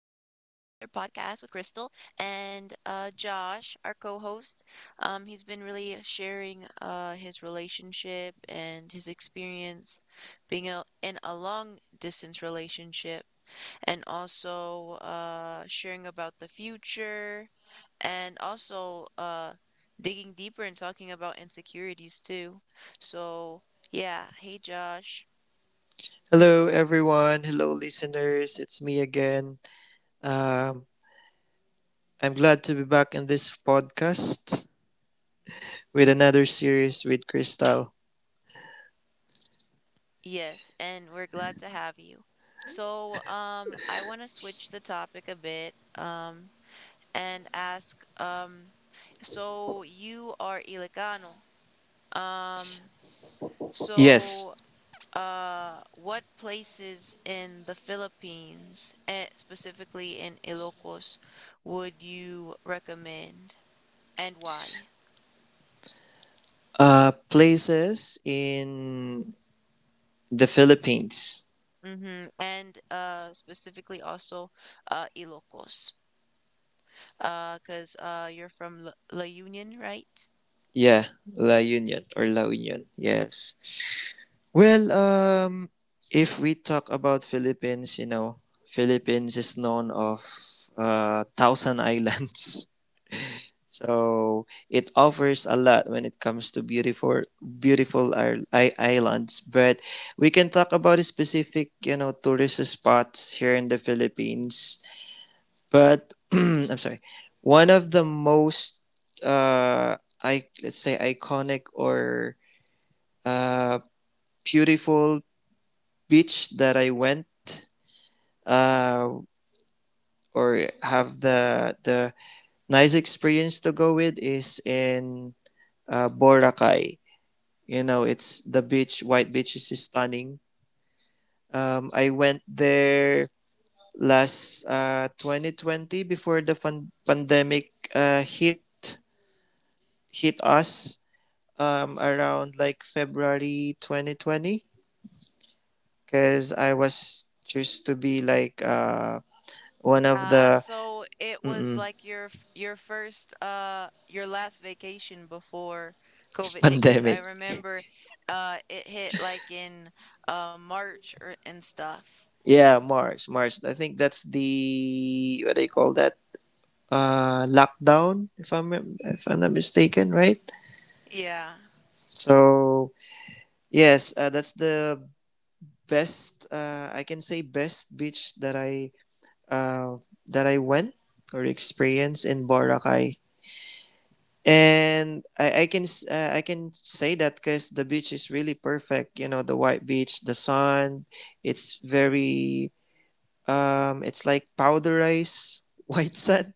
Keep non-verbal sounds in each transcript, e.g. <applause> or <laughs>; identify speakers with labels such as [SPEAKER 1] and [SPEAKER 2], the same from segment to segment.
[SPEAKER 1] podcast with Crystal and Josh, our co-host. He's been really sharing his relationship and his experience being in a long distance relationship, and also sharing about the future, and also digging deeper and talking about insecurities too. So yeah, hey Josh.
[SPEAKER 2] Hello, everyone. Hello, listeners. It's me again. Um, I'm glad to be back in this podcast with another series with Crystal.
[SPEAKER 1] Yes, and we're glad to have you. So, I want to switch the topic a bit, and ask, so you are Ilocano. Um,
[SPEAKER 2] Yes,
[SPEAKER 1] so, what places in the Philippines, eh, specifically in Ilocos, would you recommend and why?
[SPEAKER 2] places in the Philippines.
[SPEAKER 1] Mm-hmm. And specifically also, Ilocos. 'Cause you're from La Union, right?
[SPEAKER 2] Yeah, La Union or La Union. Yes. Well, if we talk about Philippines, you know, Philippines is known of thousand islands. <laughs> So it offers a lot when it comes to beautiful, beautiful islands. But we can talk about specific, you know, tourist spots here in the Philippines. But <clears throat> I'm sorry, one of the most, uh, I let's say iconic or uh, beautiful beach that I went uh or have the nice experience to go with is in Boracay. You know, it's the beach. White Beach is stunning. I went there last 2020 before the pandemic hit hit us around like February 2020 because I was choose to be like one of
[SPEAKER 1] Ah,
[SPEAKER 2] the.
[SPEAKER 1] so it was
[SPEAKER 2] Mm-mm.
[SPEAKER 1] like your your first, your last vacation before
[SPEAKER 2] <laughs>
[SPEAKER 1] COVID hit, cause I
[SPEAKER 2] Pandemic.
[SPEAKER 1] remember it hit like in March or and stuff.
[SPEAKER 2] Yeah, March. I think that's the what do you call that? Lockdown. If I'm not mistaken, right?
[SPEAKER 1] Yeah.
[SPEAKER 2] So yes, that's the best, I can say best beach uh, that I went or experienced in Boracay. And I can say that because the beach is really perfect. You know, the white beach, the sun. It's very it's like powderized <laughs> white sand.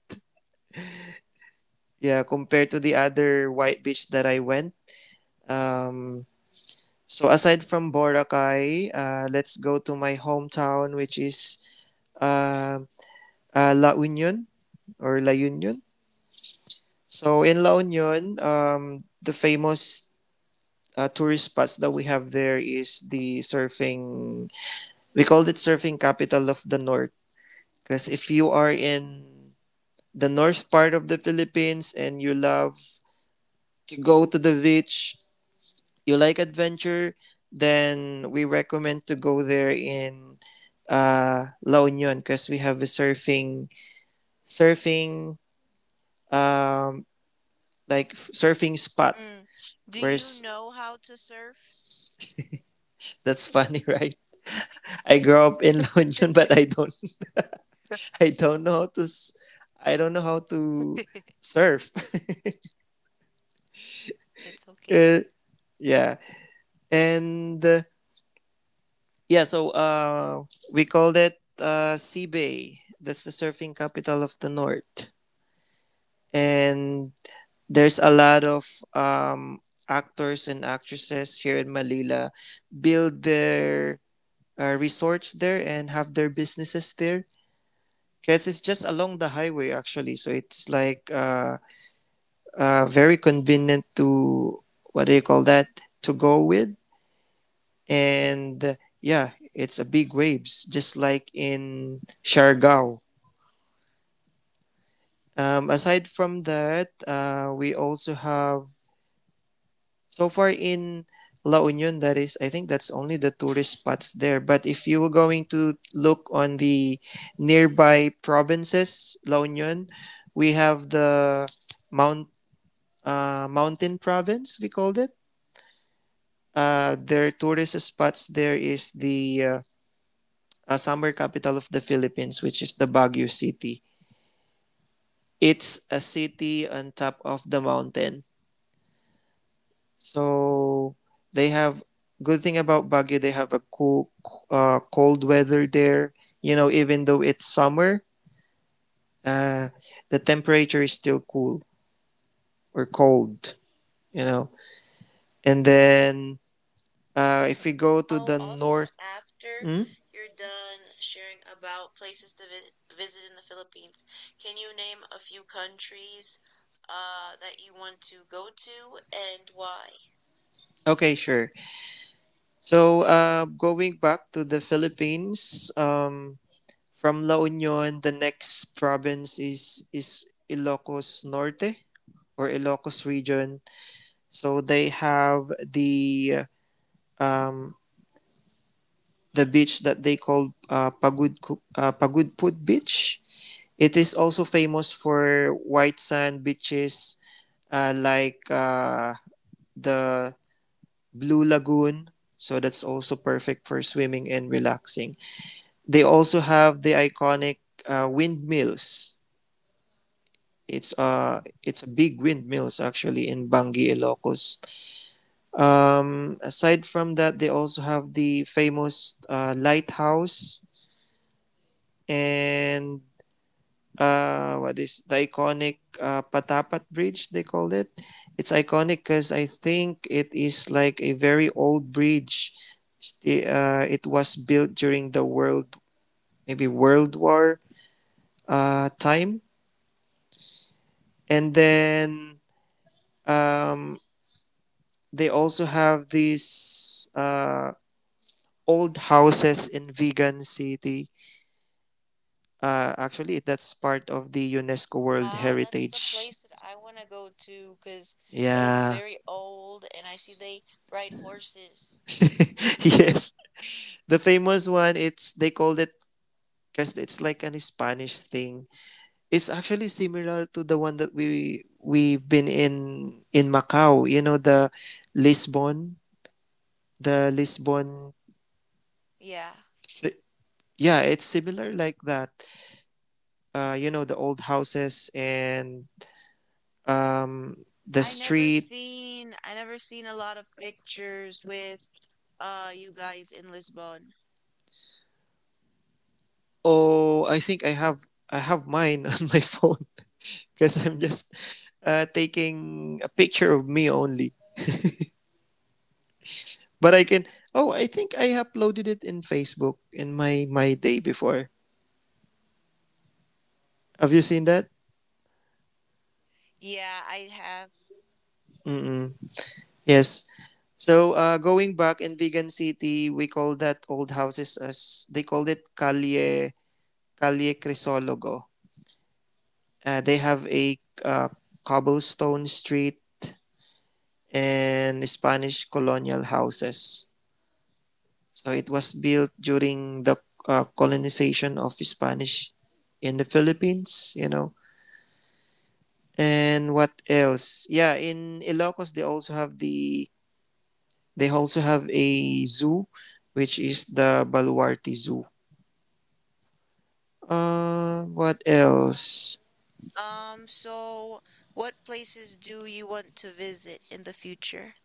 [SPEAKER 2] Yeah, compared to the other white beach that I went. Um, so aside from Boracay, let's go to my hometown, which is, um, La Union or La Union. So in La Union, the famous tourist spots that we have there is the surfing. We called it surfing capital of the North because if you are in the north part of the Philippines and you love to go to the beach, you like adventure, then we recommend to go there in La Union because we have a surfing um, surfing spot.
[SPEAKER 1] Mm. Do you
[SPEAKER 2] Where's
[SPEAKER 1] know how to surf?
[SPEAKER 2] That's funny, <laughs> right? I grew up in La Union, but I don't know how to s- I don't know how to
[SPEAKER 1] <laughs>
[SPEAKER 2] surf. <laughs>
[SPEAKER 1] It's
[SPEAKER 2] Uh,
[SPEAKER 1] okay.
[SPEAKER 2] yeah, and yeah, so we called it Sea Bay. That's the surfing capital of the North, and there's a lot of, actors and actresses here in Manila build their resorts there and have their businesses there. Because it's just along the highway, actually. So it's like, very convenient to, what do you call that, to go with. And yeah, it's a big waves, just like in Siargao. Aside from that, we also have, so far in La Union, that is, I think that's only the tourist spots there. But if you were going to look on the nearby provinces, La Union, we have the Mount mountain province, we called it. Their tourist spots there is the, summer capital of the Philippines, which is the Baguio City. It's a city on top of the mountain. So they have good thing about Baguio, they have a cool, cold weather there. You know, even though it's summer, uh, the temperature is still cool or cold. You know, and then if we go to
[SPEAKER 1] Oh,
[SPEAKER 2] the
[SPEAKER 1] also,
[SPEAKER 2] north.
[SPEAKER 1] after
[SPEAKER 2] Hmm?
[SPEAKER 1] you're done sharing about places to visit in the Philippines, can you name a few countries that you want to go to and why?
[SPEAKER 2] Okay, sure. So, going back to the Philippines, from La Union, the next province is Ilocos Norte or Ilocos region. So they have um, the beach that they call, Pagudpud Beach. It is also famous for white sand beaches, like, the Blue Lagoon. So that's also perfect for swimming and relaxing. They also have the iconic windmills. It's a big windmills actually in Bangi, Ilocos. Aside from that, they also have the famous lighthouse and what is the iconic Patapat Bridge? They called it. It's iconic because I think it is like a very old bridge. It was built during the World War time. And then, um, they also have these old houses in Vegan City. Actually, that's part of the UNESCO World
[SPEAKER 1] Ah, that's the
[SPEAKER 2] Heritage.
[SPEAKER 1] place that I want to go to because it looks
[SPEAKER 2] Yeah,
[SPEAKER 1] very old and I see they ride horses.
[SPEAKER 2] <laughs> yes, the famous one. It's They called it because it's like an Spanish thing. It's actually similar to the one that we've been in Macau. You know the Lisbon, Lisbon.
[SPEAKER 1] Yeah.
[SPEAKER 2] Th- yeah, it's similar like that, you know, the old houses and, um, the street.
[SPEAKER 1] I never seen a lot of pictures with you guys in Lisbon.
[SPEAKER 2] Oh, I think I have mine <laughs> on my phone because <laughs> I'm just taking a picture of me only. But I can. Oh, I think I uploaded it in Facebook in my day before. Have you seen that?
[SPEAKER 1] Yeah, I have.
[SPEAKER 2] Mm-mm. Yes. So, going back in Vegan City, we call that old houses as they called it, Calle Crisologo. They have a, uh, cobblestone street and Spanish colonial houses. So it was built during the colonization of Spanish in the Philippines, you know. And what else? Yeah, in Ilocos they also have a zoo, which is the Baluarte Zoo. What else?
[SPEAKER 1] So what places do you want to visit in the future?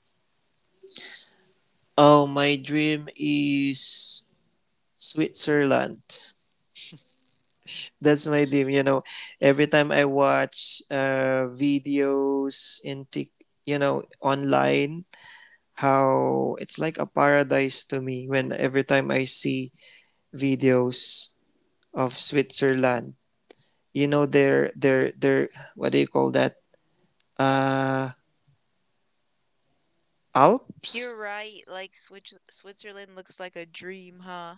[SPEAKER 2] Oh, my dream is Switzerland. That's my dream, you know. Every time I watch videos in you know, online, how it's like a paradise to me when every time I see videos of Switzerland. You know, their what do you call that? Uh, Alps.
[SPEAKER 1] You're right, like Switzerland looks like a dream, huh?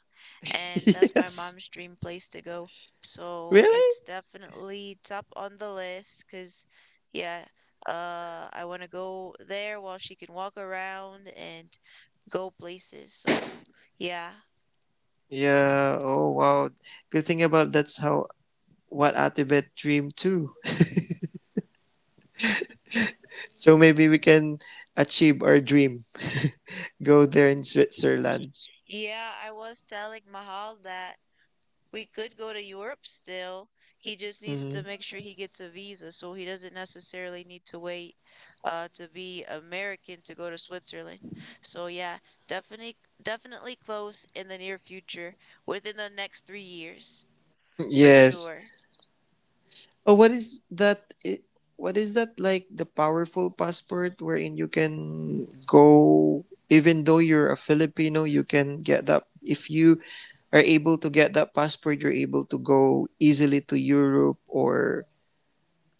[SPEAKER 1] And
[SPEAKER 2] <laughs>
[SPEAKER 1] that's my
[SPEAKER 2] Yes,
[SPEAKER 1] mom's dream place to go. So it's
[SPEAKER 2] really?
[SPEAKER 1] definitely top on the list. Cause, yeah, I want to go there while she can walk around and go places. So yeah.
[SPEAKER 2] Yeah. Oh wow. Good thing about that's how what Atibet dream too. So maybe we can achieve our dream. <laughs> Go there in Switzerland.
[SPEAKER 1] Yeah, I was telling Mahal that we could go to Europe still. He just needs to
[SPEAKER 2] Hmm.
[SPEAKER 1] make sure he gets a visa so he doesn't necessarily need to wait to be American to go to Switzerland. So yeah, definitely close in the near future, within the next 3 years for
[SPEAKER 2] Yes.
[SPEAKER 1] sure.
[SPEAKER 2] Oh, what is that? What is that like the powerful passport wherein you can go, even though you're a Filipino, you can get that. If you are able to get that passport, you're able to go easily to Europe or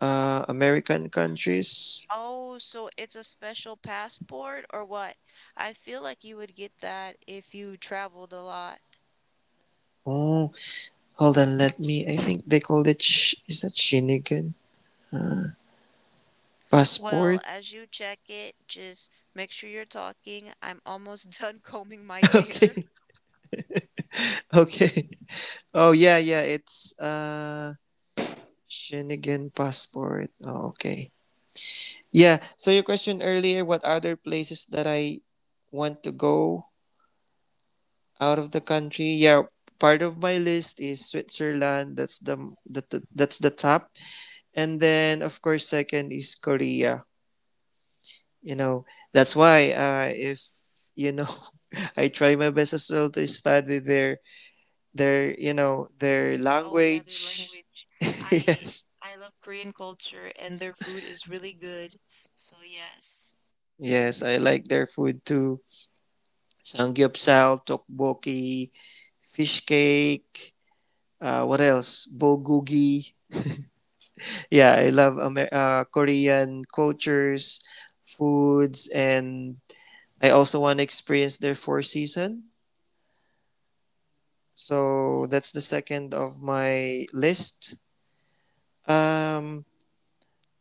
[SPEAKER 2] American countries.
[SPEAKER 1] Oh, so it's a special passport or what? I feel like you would get that if you traveled a lot.
[SPEAKER 2] Oh, hold on, let me. I think they called it. Is that Shinigan
[SPEAKER 1] Well,
[SPEAKER 2] passport?
[SPEAKER 1] as you check it, just make sure you're talking. I'm almost <laughs> done combing my
[SPEAKER 2] <laughs>
[SPEAKER 1] hair.
[SPEAKER 2] Okay. Okay. Oh yeah, yeah. It's Shenigan passport. Oh, okay. Yeah. So your question earlier, what other places that I want to go out of the country? Yeah, part of my list is Switzerland. That's the top, and then of course second is Korea. You know, that's why, if you know, <laughs> I try my best as well to study there their, you know, their
[SPEAKER 1] Oh yeah, their
[SPEAKER 2] language.
[SPEAKER 1] language.
[SPEAKER 2] <laughs>
[SPEAKER 1] I
[SPEAKER 2] Yes.
[SPEAKER 1] I love Korean culture and their food is really good. So yes.
[SPEAKER 2] Yes. I like their food too. Samgyeopsal, tteokbokki, fish cake, what else, bulgogi. Yeah, I love Korean cultures, foods, and I also want to experience their four season. So that's the second of my list. um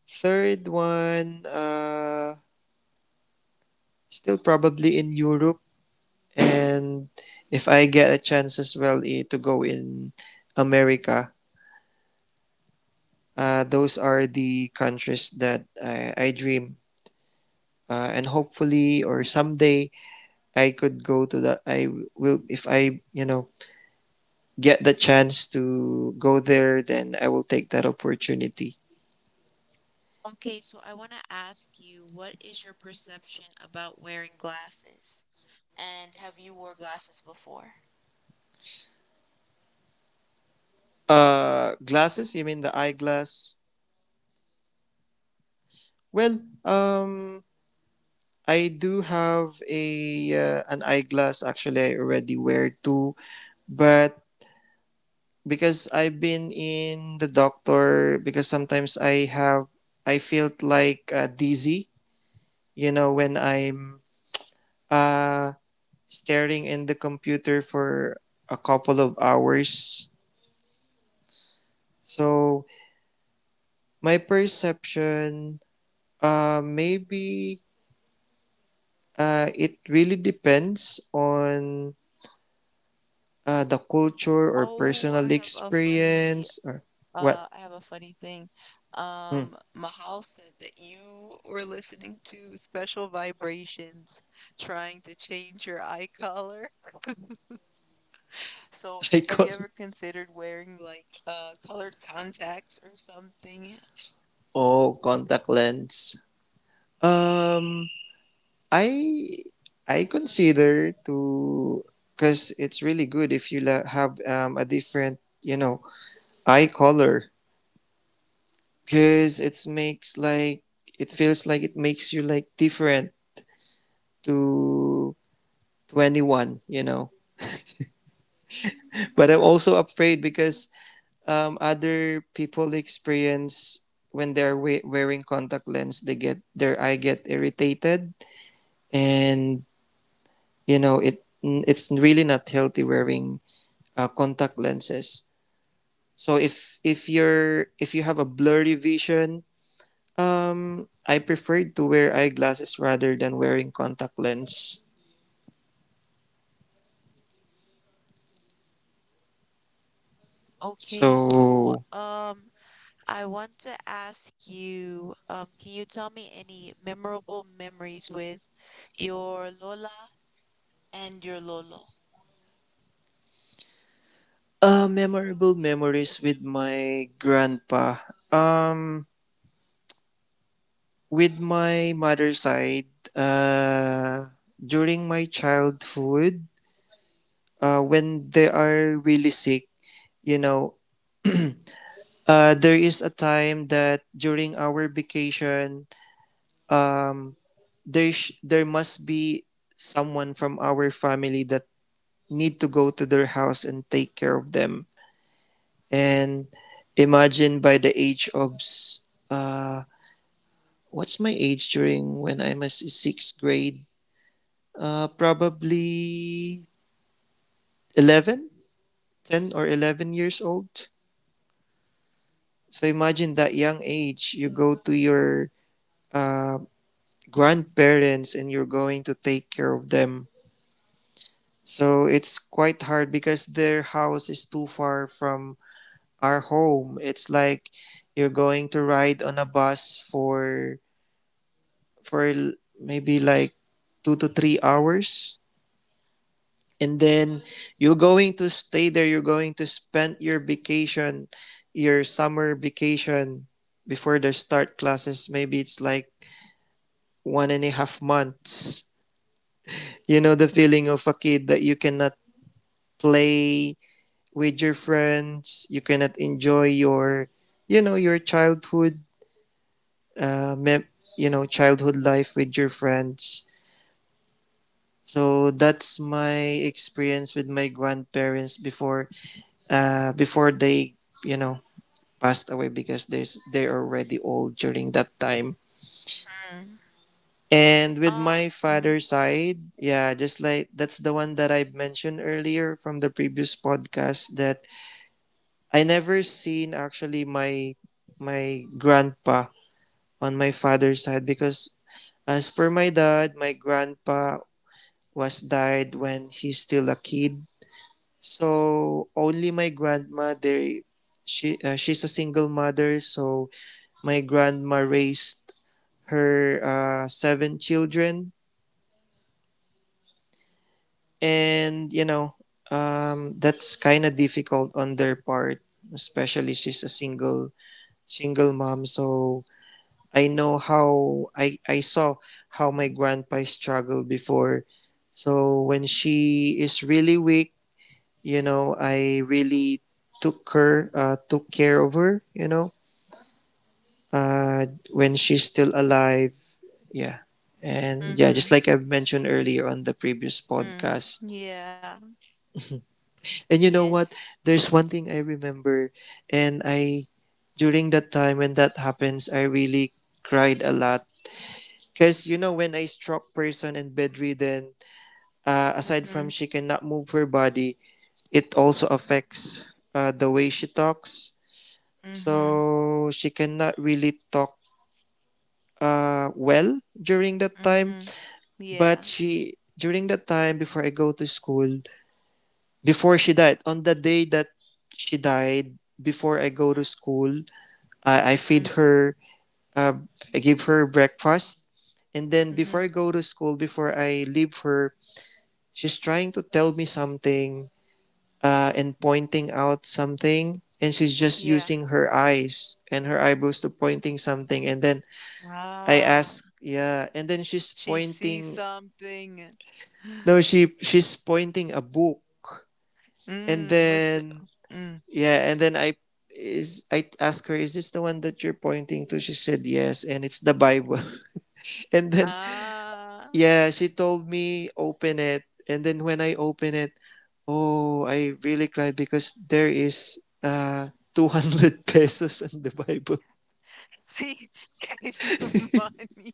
[SPEAKER 2] Third one, still probably in Europe. And if I get a chance as well, to go in America, those are the countries that I dream. And hopefully, or someday, I could go to the. I will, if I, you know, get the chance to go there, then I will take that opportunity.
[SPEAKER 1] Okay, so I want to ask you, what is your perception about wearing glasses? And have you wore glasses before?
[SPEAKER 2] Glasses? You mean the eyeglass? Well, um, I do have a an eyeglass. Actually, I already wear two, but because I've been in the doctor because sometimes I felt like, dizzy, you know, when I'm, uh, staring in the computer for a couple of hours. So my perception, maybe, it really depends on, the culture or
[SPEAKER 1] Oh, I
[SPEAKER 2] personal
[SPEAKER 1] have a funny
[SPEAKER 2] experience, or what.
[SPEAKER 1] thing.
[SPEAKER 2] Hmm.
[SPEAKER 1] Mahal said that you were listening to special vibrations trying to change your eye color. <laughs> So,
[SPEAKER 2] <laughs> I
[SPEAKER 1] have
[SPEAKER 2] call
[SPEAKER 1] you ever considered wearing like colored contacts or something?
[SPEAKER 2] Oh, contact lens. Um, I consider to because it's really good if have, a different, you know, eye color, because it feels like it makes you like different to to anyone, you know. <laughs> But I'm also afraid because, other people experience when wearing contact lens, they get their eye get irritated, and you know it's really not healthy wearing contact lenses. So if you have a blurry vision, I preferred to wear eyeglasses rather than wearing contact lens.
[SPEAKER 1] Okay, so
[SPEAKER 2] So,
[SPEAKER 1] I want to ask you, can you tell me any memorable memories with your Lola and your Lolo?
[SPEAKER 2] memorable memories with my grandpa. Um, with my mother's side, during my childhood, when they are really sick, you know, there is a time that during our vacation, um, there must be someone from our family that need to go to their house and take care of them. And imagine by the age of s- what's my age during when I'm a sixth grade, probably 11, 10 or 11 years old. So imagine that young age you go to your uh grandparents and you're going to take care of them. So it's quite hard because their house is too far from our home. It's like you're going to ride on a bus maybe like 2 to 3 hours, and then you're going to stay there, you're going to spend your vacation, your summer vacation before they start classes. Maybe it's like 1.5 months. You know the feeling of a kid that you cannot play with your friends. You cannot enjoy your, your childhood, uh, mem- childhood life with your friends. So that's my experience with my grandparents before, before they, you know, passed away because there's they're already old during that time.
[SPEAKER 1] Mm.
[SPEAKER 2] And with
[SPEAKER 1] Uh,
[SPEAKER 2] my
[SPEAKER 1] mm,
[SPEAKER 2] father's side, yeah, just like that's the one that I mentioned earlier from the previous podcast that I never seen actually my grandpa on my father's side because as per my dad, my grandpa was died when he's still a kid. So only my grandma they she she's a single mother, so my grandma raised her seven children and that's kind of difficult on their part, especially she's a single mom. So I know how I saw how my grandpa struggled before. So when she is really weak, you know, I really took care of her, you know, when she's still alive. Yeah. And yeah,
[SPEAKER 1] mm-hmm,
[SPEAKER 2] just like I've mentioned earlier on the previous
[SPEAKER 1] mm,
[SPEAKER 2] podcast.
[SPEAKER 1] yeah,
[SPEAKER 2] And you know what?
[SPEAKER 1] yes.
[SPEAKER 2] There's one thing I remember, and I during that time when that happens, I really cried a lot. Because, you know, when a stroke person and bedridden, aside from
[SPEAKER 1] Mm-hmm,
[SPEAKER 2] she cannot move her body, it also affects the way she talks.
[SPEAKER 1] mm-hmm,
[SPEAKER 2] So she cannot really talk well during that time.
[SPEAKER 1] mm-hmm, yeah.
[SPEAKER 2] But she, during that time before I go to school, before she died, on the day that she died, before I go to school, I,
[SPEAKER 1] Mm,
[SPEAKER 2] I
[SPEAKER 1] mm-hmm,
[SPEAKER 2] feed her, uh, I give her breakfast. And then
[SPEAKER 1] mm-hmm,
[SPEAKER 2] before I go to school, before I leave her, she's trying to tell me something, and pointing out something, and she's just
[SPEAKER 1] yeah.
[SPEAKER 2] using her eyes and her eyebrows to pointing something. And then I
[SPEAKER 1] Ah.
[SPEAKER 2] ask, yeah, and then she's
[SPEAKER 1] She sees
[SPEAKER 2] pointing.
[SPEAKER 1] something.
[SPEAKER 2] No,
[SPEAKER 1] <gasps>
[SPEAKER 2] she's pointing a book, and
[SPEAKER 1] Mm,
[SPEAKER 2] then
[SPEAKER 1] mm.
[SPEAKER 2] yeah, and then I ask her, is this the one that you're pointing to? She said yes, and it's the Bible. <laughs> And then
[SPEAKER 1] Ah,
[SPEAKER 2] yeah, she told me open it, and then when I open it, oh, I really cried because there is <laughs> 200 pesos in the Bible.
[SPEAKER 1] <laughs> she <laughs> gave you money.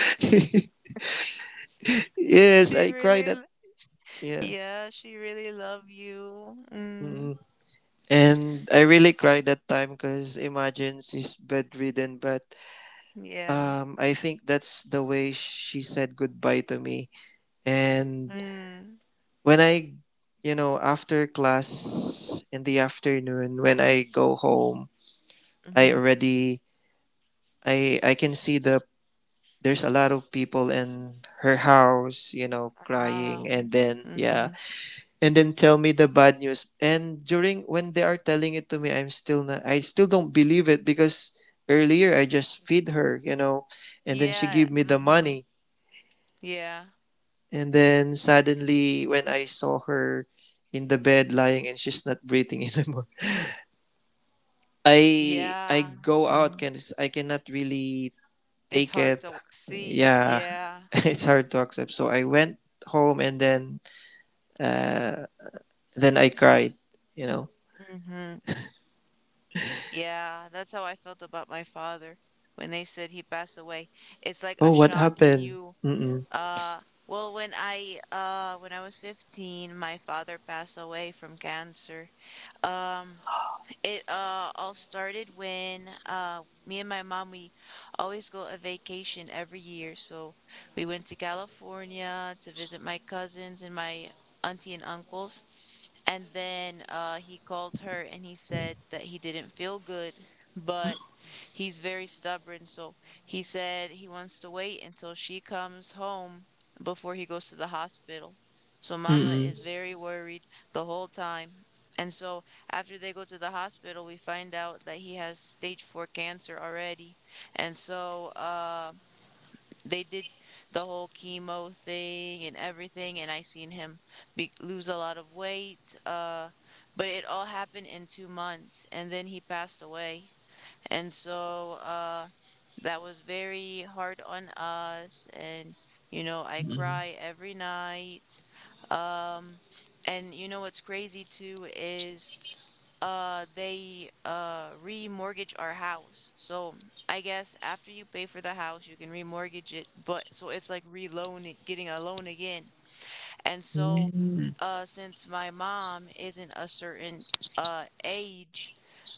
[SPEAKER 2] <laughs> Yes,
[SPEAKER 1] She
[SPEAKER 2] I
[SPEAKER 1] really,
[SPEAKER 2] cried at
[SPEAKER 1] l-
[SPEAKER 2] yeah.
[SPEAKER 1] yeah, she really love you. Mm,
[SPEAKER 2] Mm-mm. And I really cried that time because imagine she's bedridden, but
[SPEAKER 1] yeah.
[SPEAKER 2] I think that's the way she said goodbye to me. And
[SPEAKER 1] Mm,
[SPEAKER 2] when I, you know, after class in the afternoon, when I go home, I
[SPEAKER 1] mm-hmm.
[SPEAKER 2] already I can see there's a lot of people in her house, you know, crying
[SPEAKER 1] Wow.
[SPEAKER 2] and then
[SPEAKER 1] Mm-hmm.
[SPEAKER 2] yeah. And then tell me the bad news. And during when they are telling it to me, I still don't believe it because earlier I just feed her, you know, and then she
[SPEAKER 1] Yeah.
[SPEAKER 2] give me the
[SPEAKER 1] Mm-hmm.
[SPEAKER 2] money.
[SPEAKER 1] Yeah.
[SPEAKER 2] And then suddenly when I saw her in the bed lying and she's not breathing <laughs> anymore. I I
[SPEAKER 1] Yeah.
[SPEAKER 2] go out
[SPEAKER 1] Mm.
[SPEAKER 2] can I cannot really
[SPEAKER 1] It's
[SPEAKER 2] take
[SPEAKER 1] hard
[SPEAKER 2] it.
[SPEAKER 1] to see.
[SPEAKER 2] Yeah,
[SPEAKER 1] Yeah.
[SPEAKER 2] <laughs> it's hard to accept. So I went home and uh, then I cried. You know,
[SPEAKER 1] Mm-hmm. Yeah, that's how I felt about my father when they said he passed away. It's like
[SPEAKER 2] oh,
[SPEAKER 1] a
[SPEAKER 2] what
[SPEAKER 1] shock and
[SPEAKER 2] happened?
[SPEAKER 1] you...
[SPEAKER 2] Mm-mm.
[SPEAKER 1] uh well, when I when I was 15, my father passed away from cancer. Um it all started when me and my mom, we always go a vacation every year. So we went to California to visit my cousins and my auntie and uncles. And then he called her and he said that he didn't feel good, but he's very stubborn. So he said he wants to wait until she comes home before he goes to the hospital. So Mama
[SPEAKER 2] Mm-mm.
[SPEAKER 1] is very worried the whole time. And so after they go to the hospital, we find out that he has stage four cancer already. And so they did the whole chemo thing and everything, and I seen him be lose a lot of weight. But it all happened in 2 months, and then he passed away. And so that was very hard on us. And, you know, I
[SPEAKER 2] Mm-mm.
[SPEAKER 1] cry every night. Um, and you know what's crazy too is they remortgage our house. So I guess after you pay for the house, you can remortgage it, but so it's like reloaning, getting a loan again. And so
[SPEAKER 2] Mm-mm.
[SPEAKER 1] since my mom isn't a certain age,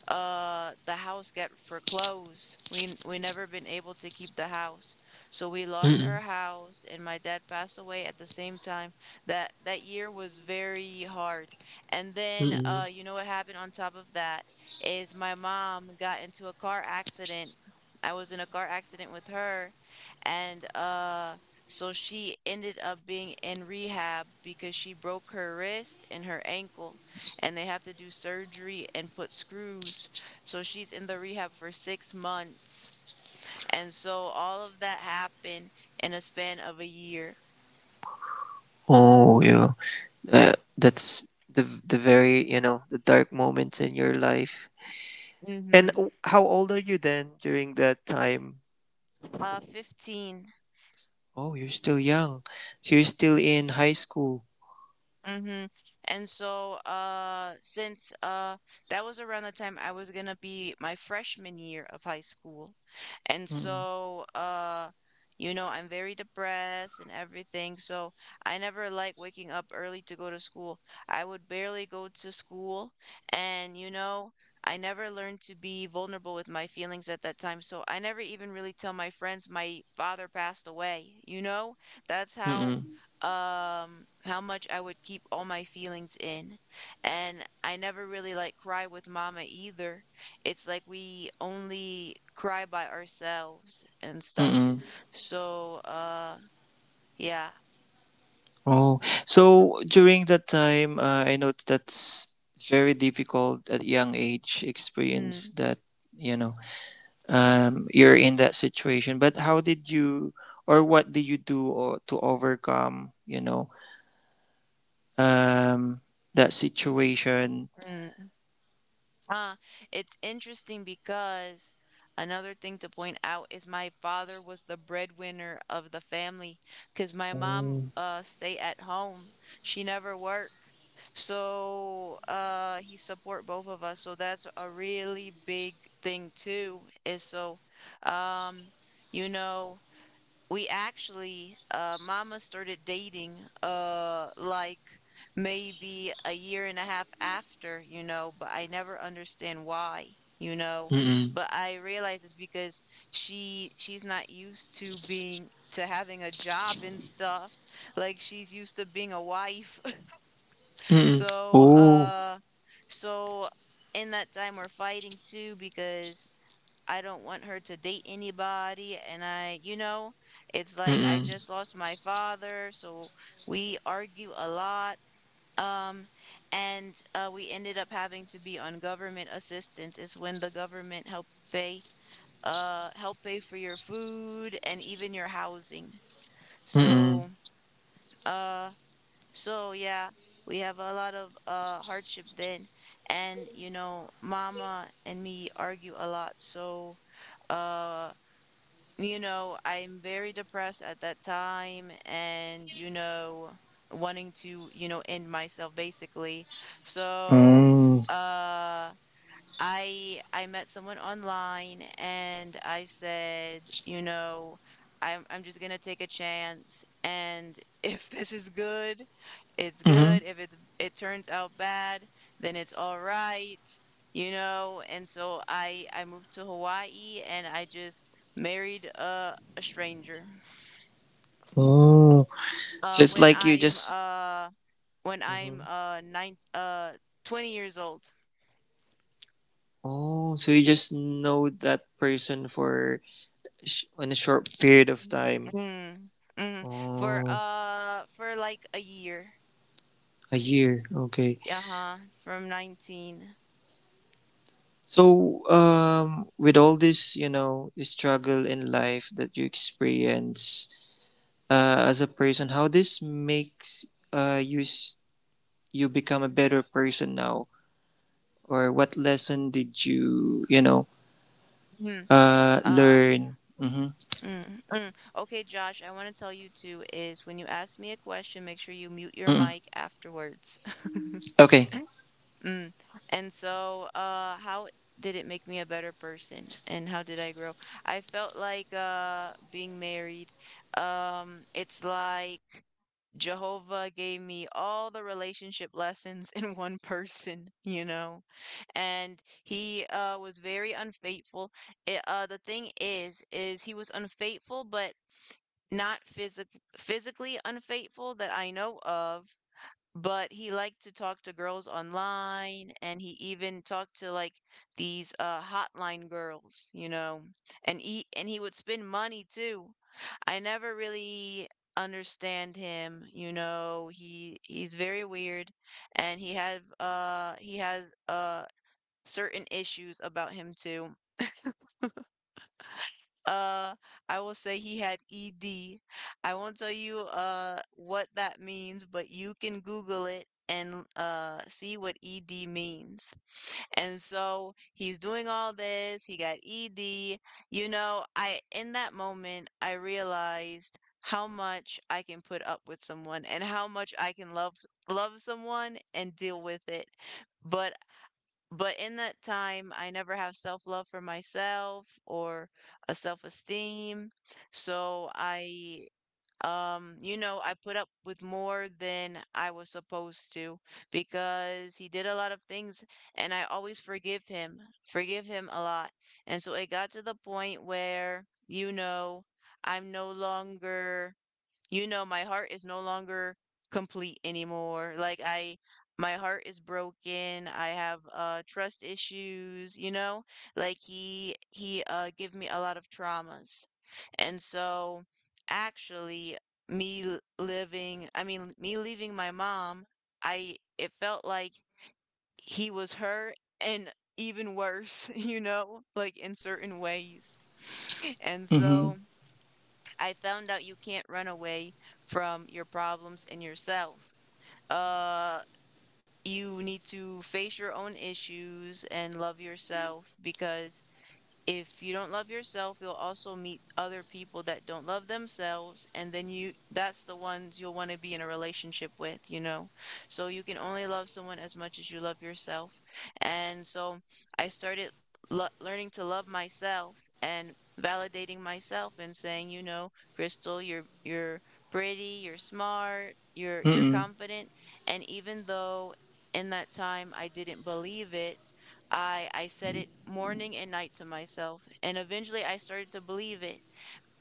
[SPEAKER 1] the house get foreclosed. We never been able to keep the house. So we lost
[SPEAKER 2] Mm-mm.
[SPEAKER 1] our house and my dad passed away at the same time. That year was very hard. And then
[SPEAKER 2] Mm-mm.
[SPEAKER 1] you know what happened on top of that is my mom got into a car accident. I was in a car accident with her and so she ended up being in rehab because she broke her wrist and her ankle and they have to do surgery and put screws. So she's in the rehab for 6 months. And so all of that happened in a span of a year.
[SPEAKER 2] Oh, you that's the very, you know, the dark moments in your life. And
[SPEAKER 1] Mm-hmm.
[SPEAKER 2] how old are you then during that time?
[SPEAKER 1] 15.
[SPEAKER 2] Oh, you're still young. So you're still in high school.
[SPEAKER 1] Mm-hmm. And so, since that was around the time I was gonna be my freshman year of high school, and
[SPEAKER 2] Mm-mm.
[SPEAKER 1] so, you know, I'm very depressed and everything. So I never like waking up early to go to school. I would barely go to school, and you know, I never learned to be vulnerable with my feelings at that time. So I never even really tell my friends my father passed away. You know, that's
[SPEAKER 2] Mm-mm.
[SPEAKER 1] how much I would keep all my feelings in. And I never really like cry with mama either. It's like we only cry by ourselves and stuff.
[SPEAKER 2] Mm-mm.
[SPEAKER 1] So yeah.
[SPEAKER 2] Oh, so during that time, I know that's very difficult at young age experience
[SPEAKER 1] Mm,
[SPEAKER 2] that, you know, you're in that situation. But how did you, or what did you do or, to overcome, you know, um, that situation?
[SPEAKER 1] mm. Ah, it's interesting because another thing to point out is my father was the breadwinner of the family because my mom
[SPEAKER 2] Oh,
[SPEAKER 1] stay at home. She never work. So he support both of us. So that's a really big thing too, is so um you know, we actually... mama started dating like maybe a year and a half after, you know, but I never understand why, you know,
[SPEAKER 2] mm-mm,
[SPEAKER 1] but I realize it's because she's not used to being, to having a job and stuff, like she's used to being a wife. <laughs>
[SPEAKER 2] mm-mm,
[SPEAKER 1] So
[SPEAKER 2] oh,
[SPEAKER 1] so in that time we're fighting too because I don't want her to date anybody. And I, you know, it's like I
[SPEAKER 2] mm-mm,
[SPEAKER 1] just lost my father. So we argue a lot. Um, and we ended up having to be on government assistance, is when the government help pay for your food and even your housing.
[SPEAKER 2] mm-mm,
[SPEAKER 1] So, uh, so yeah, we have a lot of hardship then. And you know, mama and me argue a lot. So, uh you know, I'm very depressed at that time and, you know, wanting to, you know, end myself basically. So,
[SPEAKER 2] mm,
[SPEAKER 1] uh, I met someone online and I said, you know, I'm just gonna take a chance, and <laughs> if this is good, it's
[SPEAKER 2] mm-hmm,
[SPEAKER 1] good. If it turns out bad, then it's all right, you know. And so I moved to Hawaii and I just married a stranger.
[SPEAKER 2] oh. So
[SPEAKER 1] Uh
[SPEAKER 2] it's
[SPEAKER 1] when
[SPEAKER 2] like you
[SPEAKER 1] I'm
[SPEAKER 2] just,
[SPEAKER 1] uh when
[SPEAKER 2] hmm,
[SPEAKER 1] I'm nine 20 years old.
[SPEAKER 2] oh, so you just know that person for on a short period of time.
[SPEAKER 1] Mm, mm.
[SPEAKER 2] Oh,
[SPEAKER 1] For like a year.
[SPEAKER 2] a year. Okay.
[SPEAKER 1] Uh-huh. From 19.
[SPEAKER 2] So, with all this, you know, struggle in life that you experience, as a person, how this makes uh, you s- you become a better person now, or what lesson did you, you know,
[SPEAKER 1] Mm. Uh
[SPEAKER 2] learn? Mm-hmm.
[SPEAKER 1] mm. Okay, Josh, I want to tell you too is when you ask me a question, make sure you mute your
[SPEAKER 2] Mm-mm.
[SPEAKER 1] mic afterwards.
[SPEAKER 2] Okay.
[SPEAKER 1] <laughs> Mm. And so, how did it make me a better person and how did I grow? I felt like being married, it's like Jehovah gave me all the relationship lessons <laughs> in one person, you know? And he was very unfaithful. The thing is he was unfaithful but not physically unfaithful that I know of, but he liked to talk to girls online and he even talked to like these hotline girls, you know. And he would spend money too. I never really understand him, you know. He's very weird and he has certain issues about him too. uh, I will say he had ED. I won't tell you what that means, but you can Google it and see what ED means. And so he's doing all this, he got ED. You know, I in that moment I realized how much I can put up with someone and how much I can love someone and deal with it. But in that time, I never have self love for myself or a self esteem. So you know, I put up with more than I was supposed to because he did a lot of things and I always forgive him a lot. And so it got to the point where, you know, I'm no longer, you know, my heart is no longer complete anymore. Like I my heart is broken. I have trust issues, you know? Like he gave me a lot of traumas. And so actually I mean, me leaving my mom, I it felt like he was her and even worse, <laughs> you know, like in certain ways. <sniffs> And
[SPEAKER 2] Mm-hmm.
[SPEAKER 1] so I found out you can't run away from your problems and yourself. Uh, you need to face your own issues and love yourself because if you don't love yourself, you'll also meet other people that don't love themselves, and then you that's the ones you'll want to be in a relationship with, you know. So you can only love someone as much as you love yourself. And so I started learning to love myself and validating myself and saying, you know, Crystal, you're pretty, you're smart, you're
[SPEAKER 2] Mm-mm.
[SPEAKER 1] confident, and even though in that time I didn't believe it, I said it morning and night to myself, and eventually I started to believe it,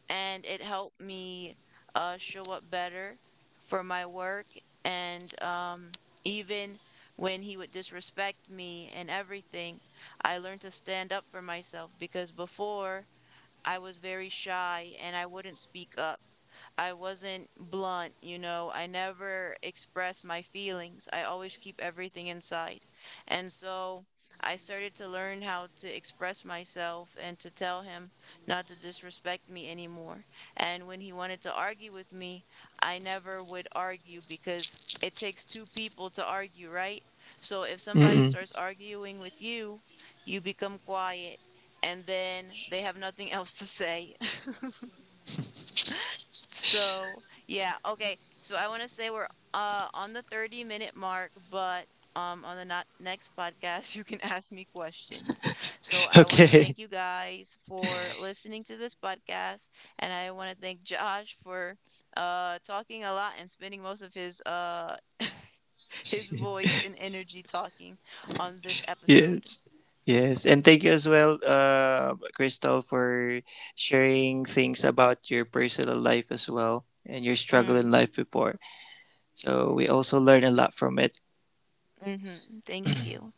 [SPEAKER 1] and it helped me show up better for my work, and even when he would disrespect me and everything, I learned to stand up for myself because before I was very shy and I wouldn't speak up. I wasn't blunt, you know. I never expressed my feelings. I always keep everything inside. And so I started to learn how to express myself and to tell him not to disrespect me anymore. And when he wanted to argue with me, I never would argue because it takes two people to argue, right? So if somebody
[SPEAKER 2] Mm-mm.
[SPEAKER 1] starts arguing with you, you become quiet and then they have nothing else to say. <laughs> So, yeah, okay. So I want to say we're on the 30-minute mark, but on the next podcast <laughs> you can ask me questions. So
[SPEAKER 2] <laughs>
[SPEAKER 1] I want to
[SPEAKER 2] Okay.
[SPEAKER 1] thank you guys for listening to this podcast and I want to thank Josh for talking a lot and spending most of his <laughs> his voice and energy talking on this episode.
[SPEAKER 2] Yes. Yes. And thank you as well, Crystal, for sharing things about your personal life as well and your struggle in
[SPEAKER 1] Mm,
[SPEAKER 2] life before. So we also learn a lot from it.
[SPEAKER 1] mhm. Thank you.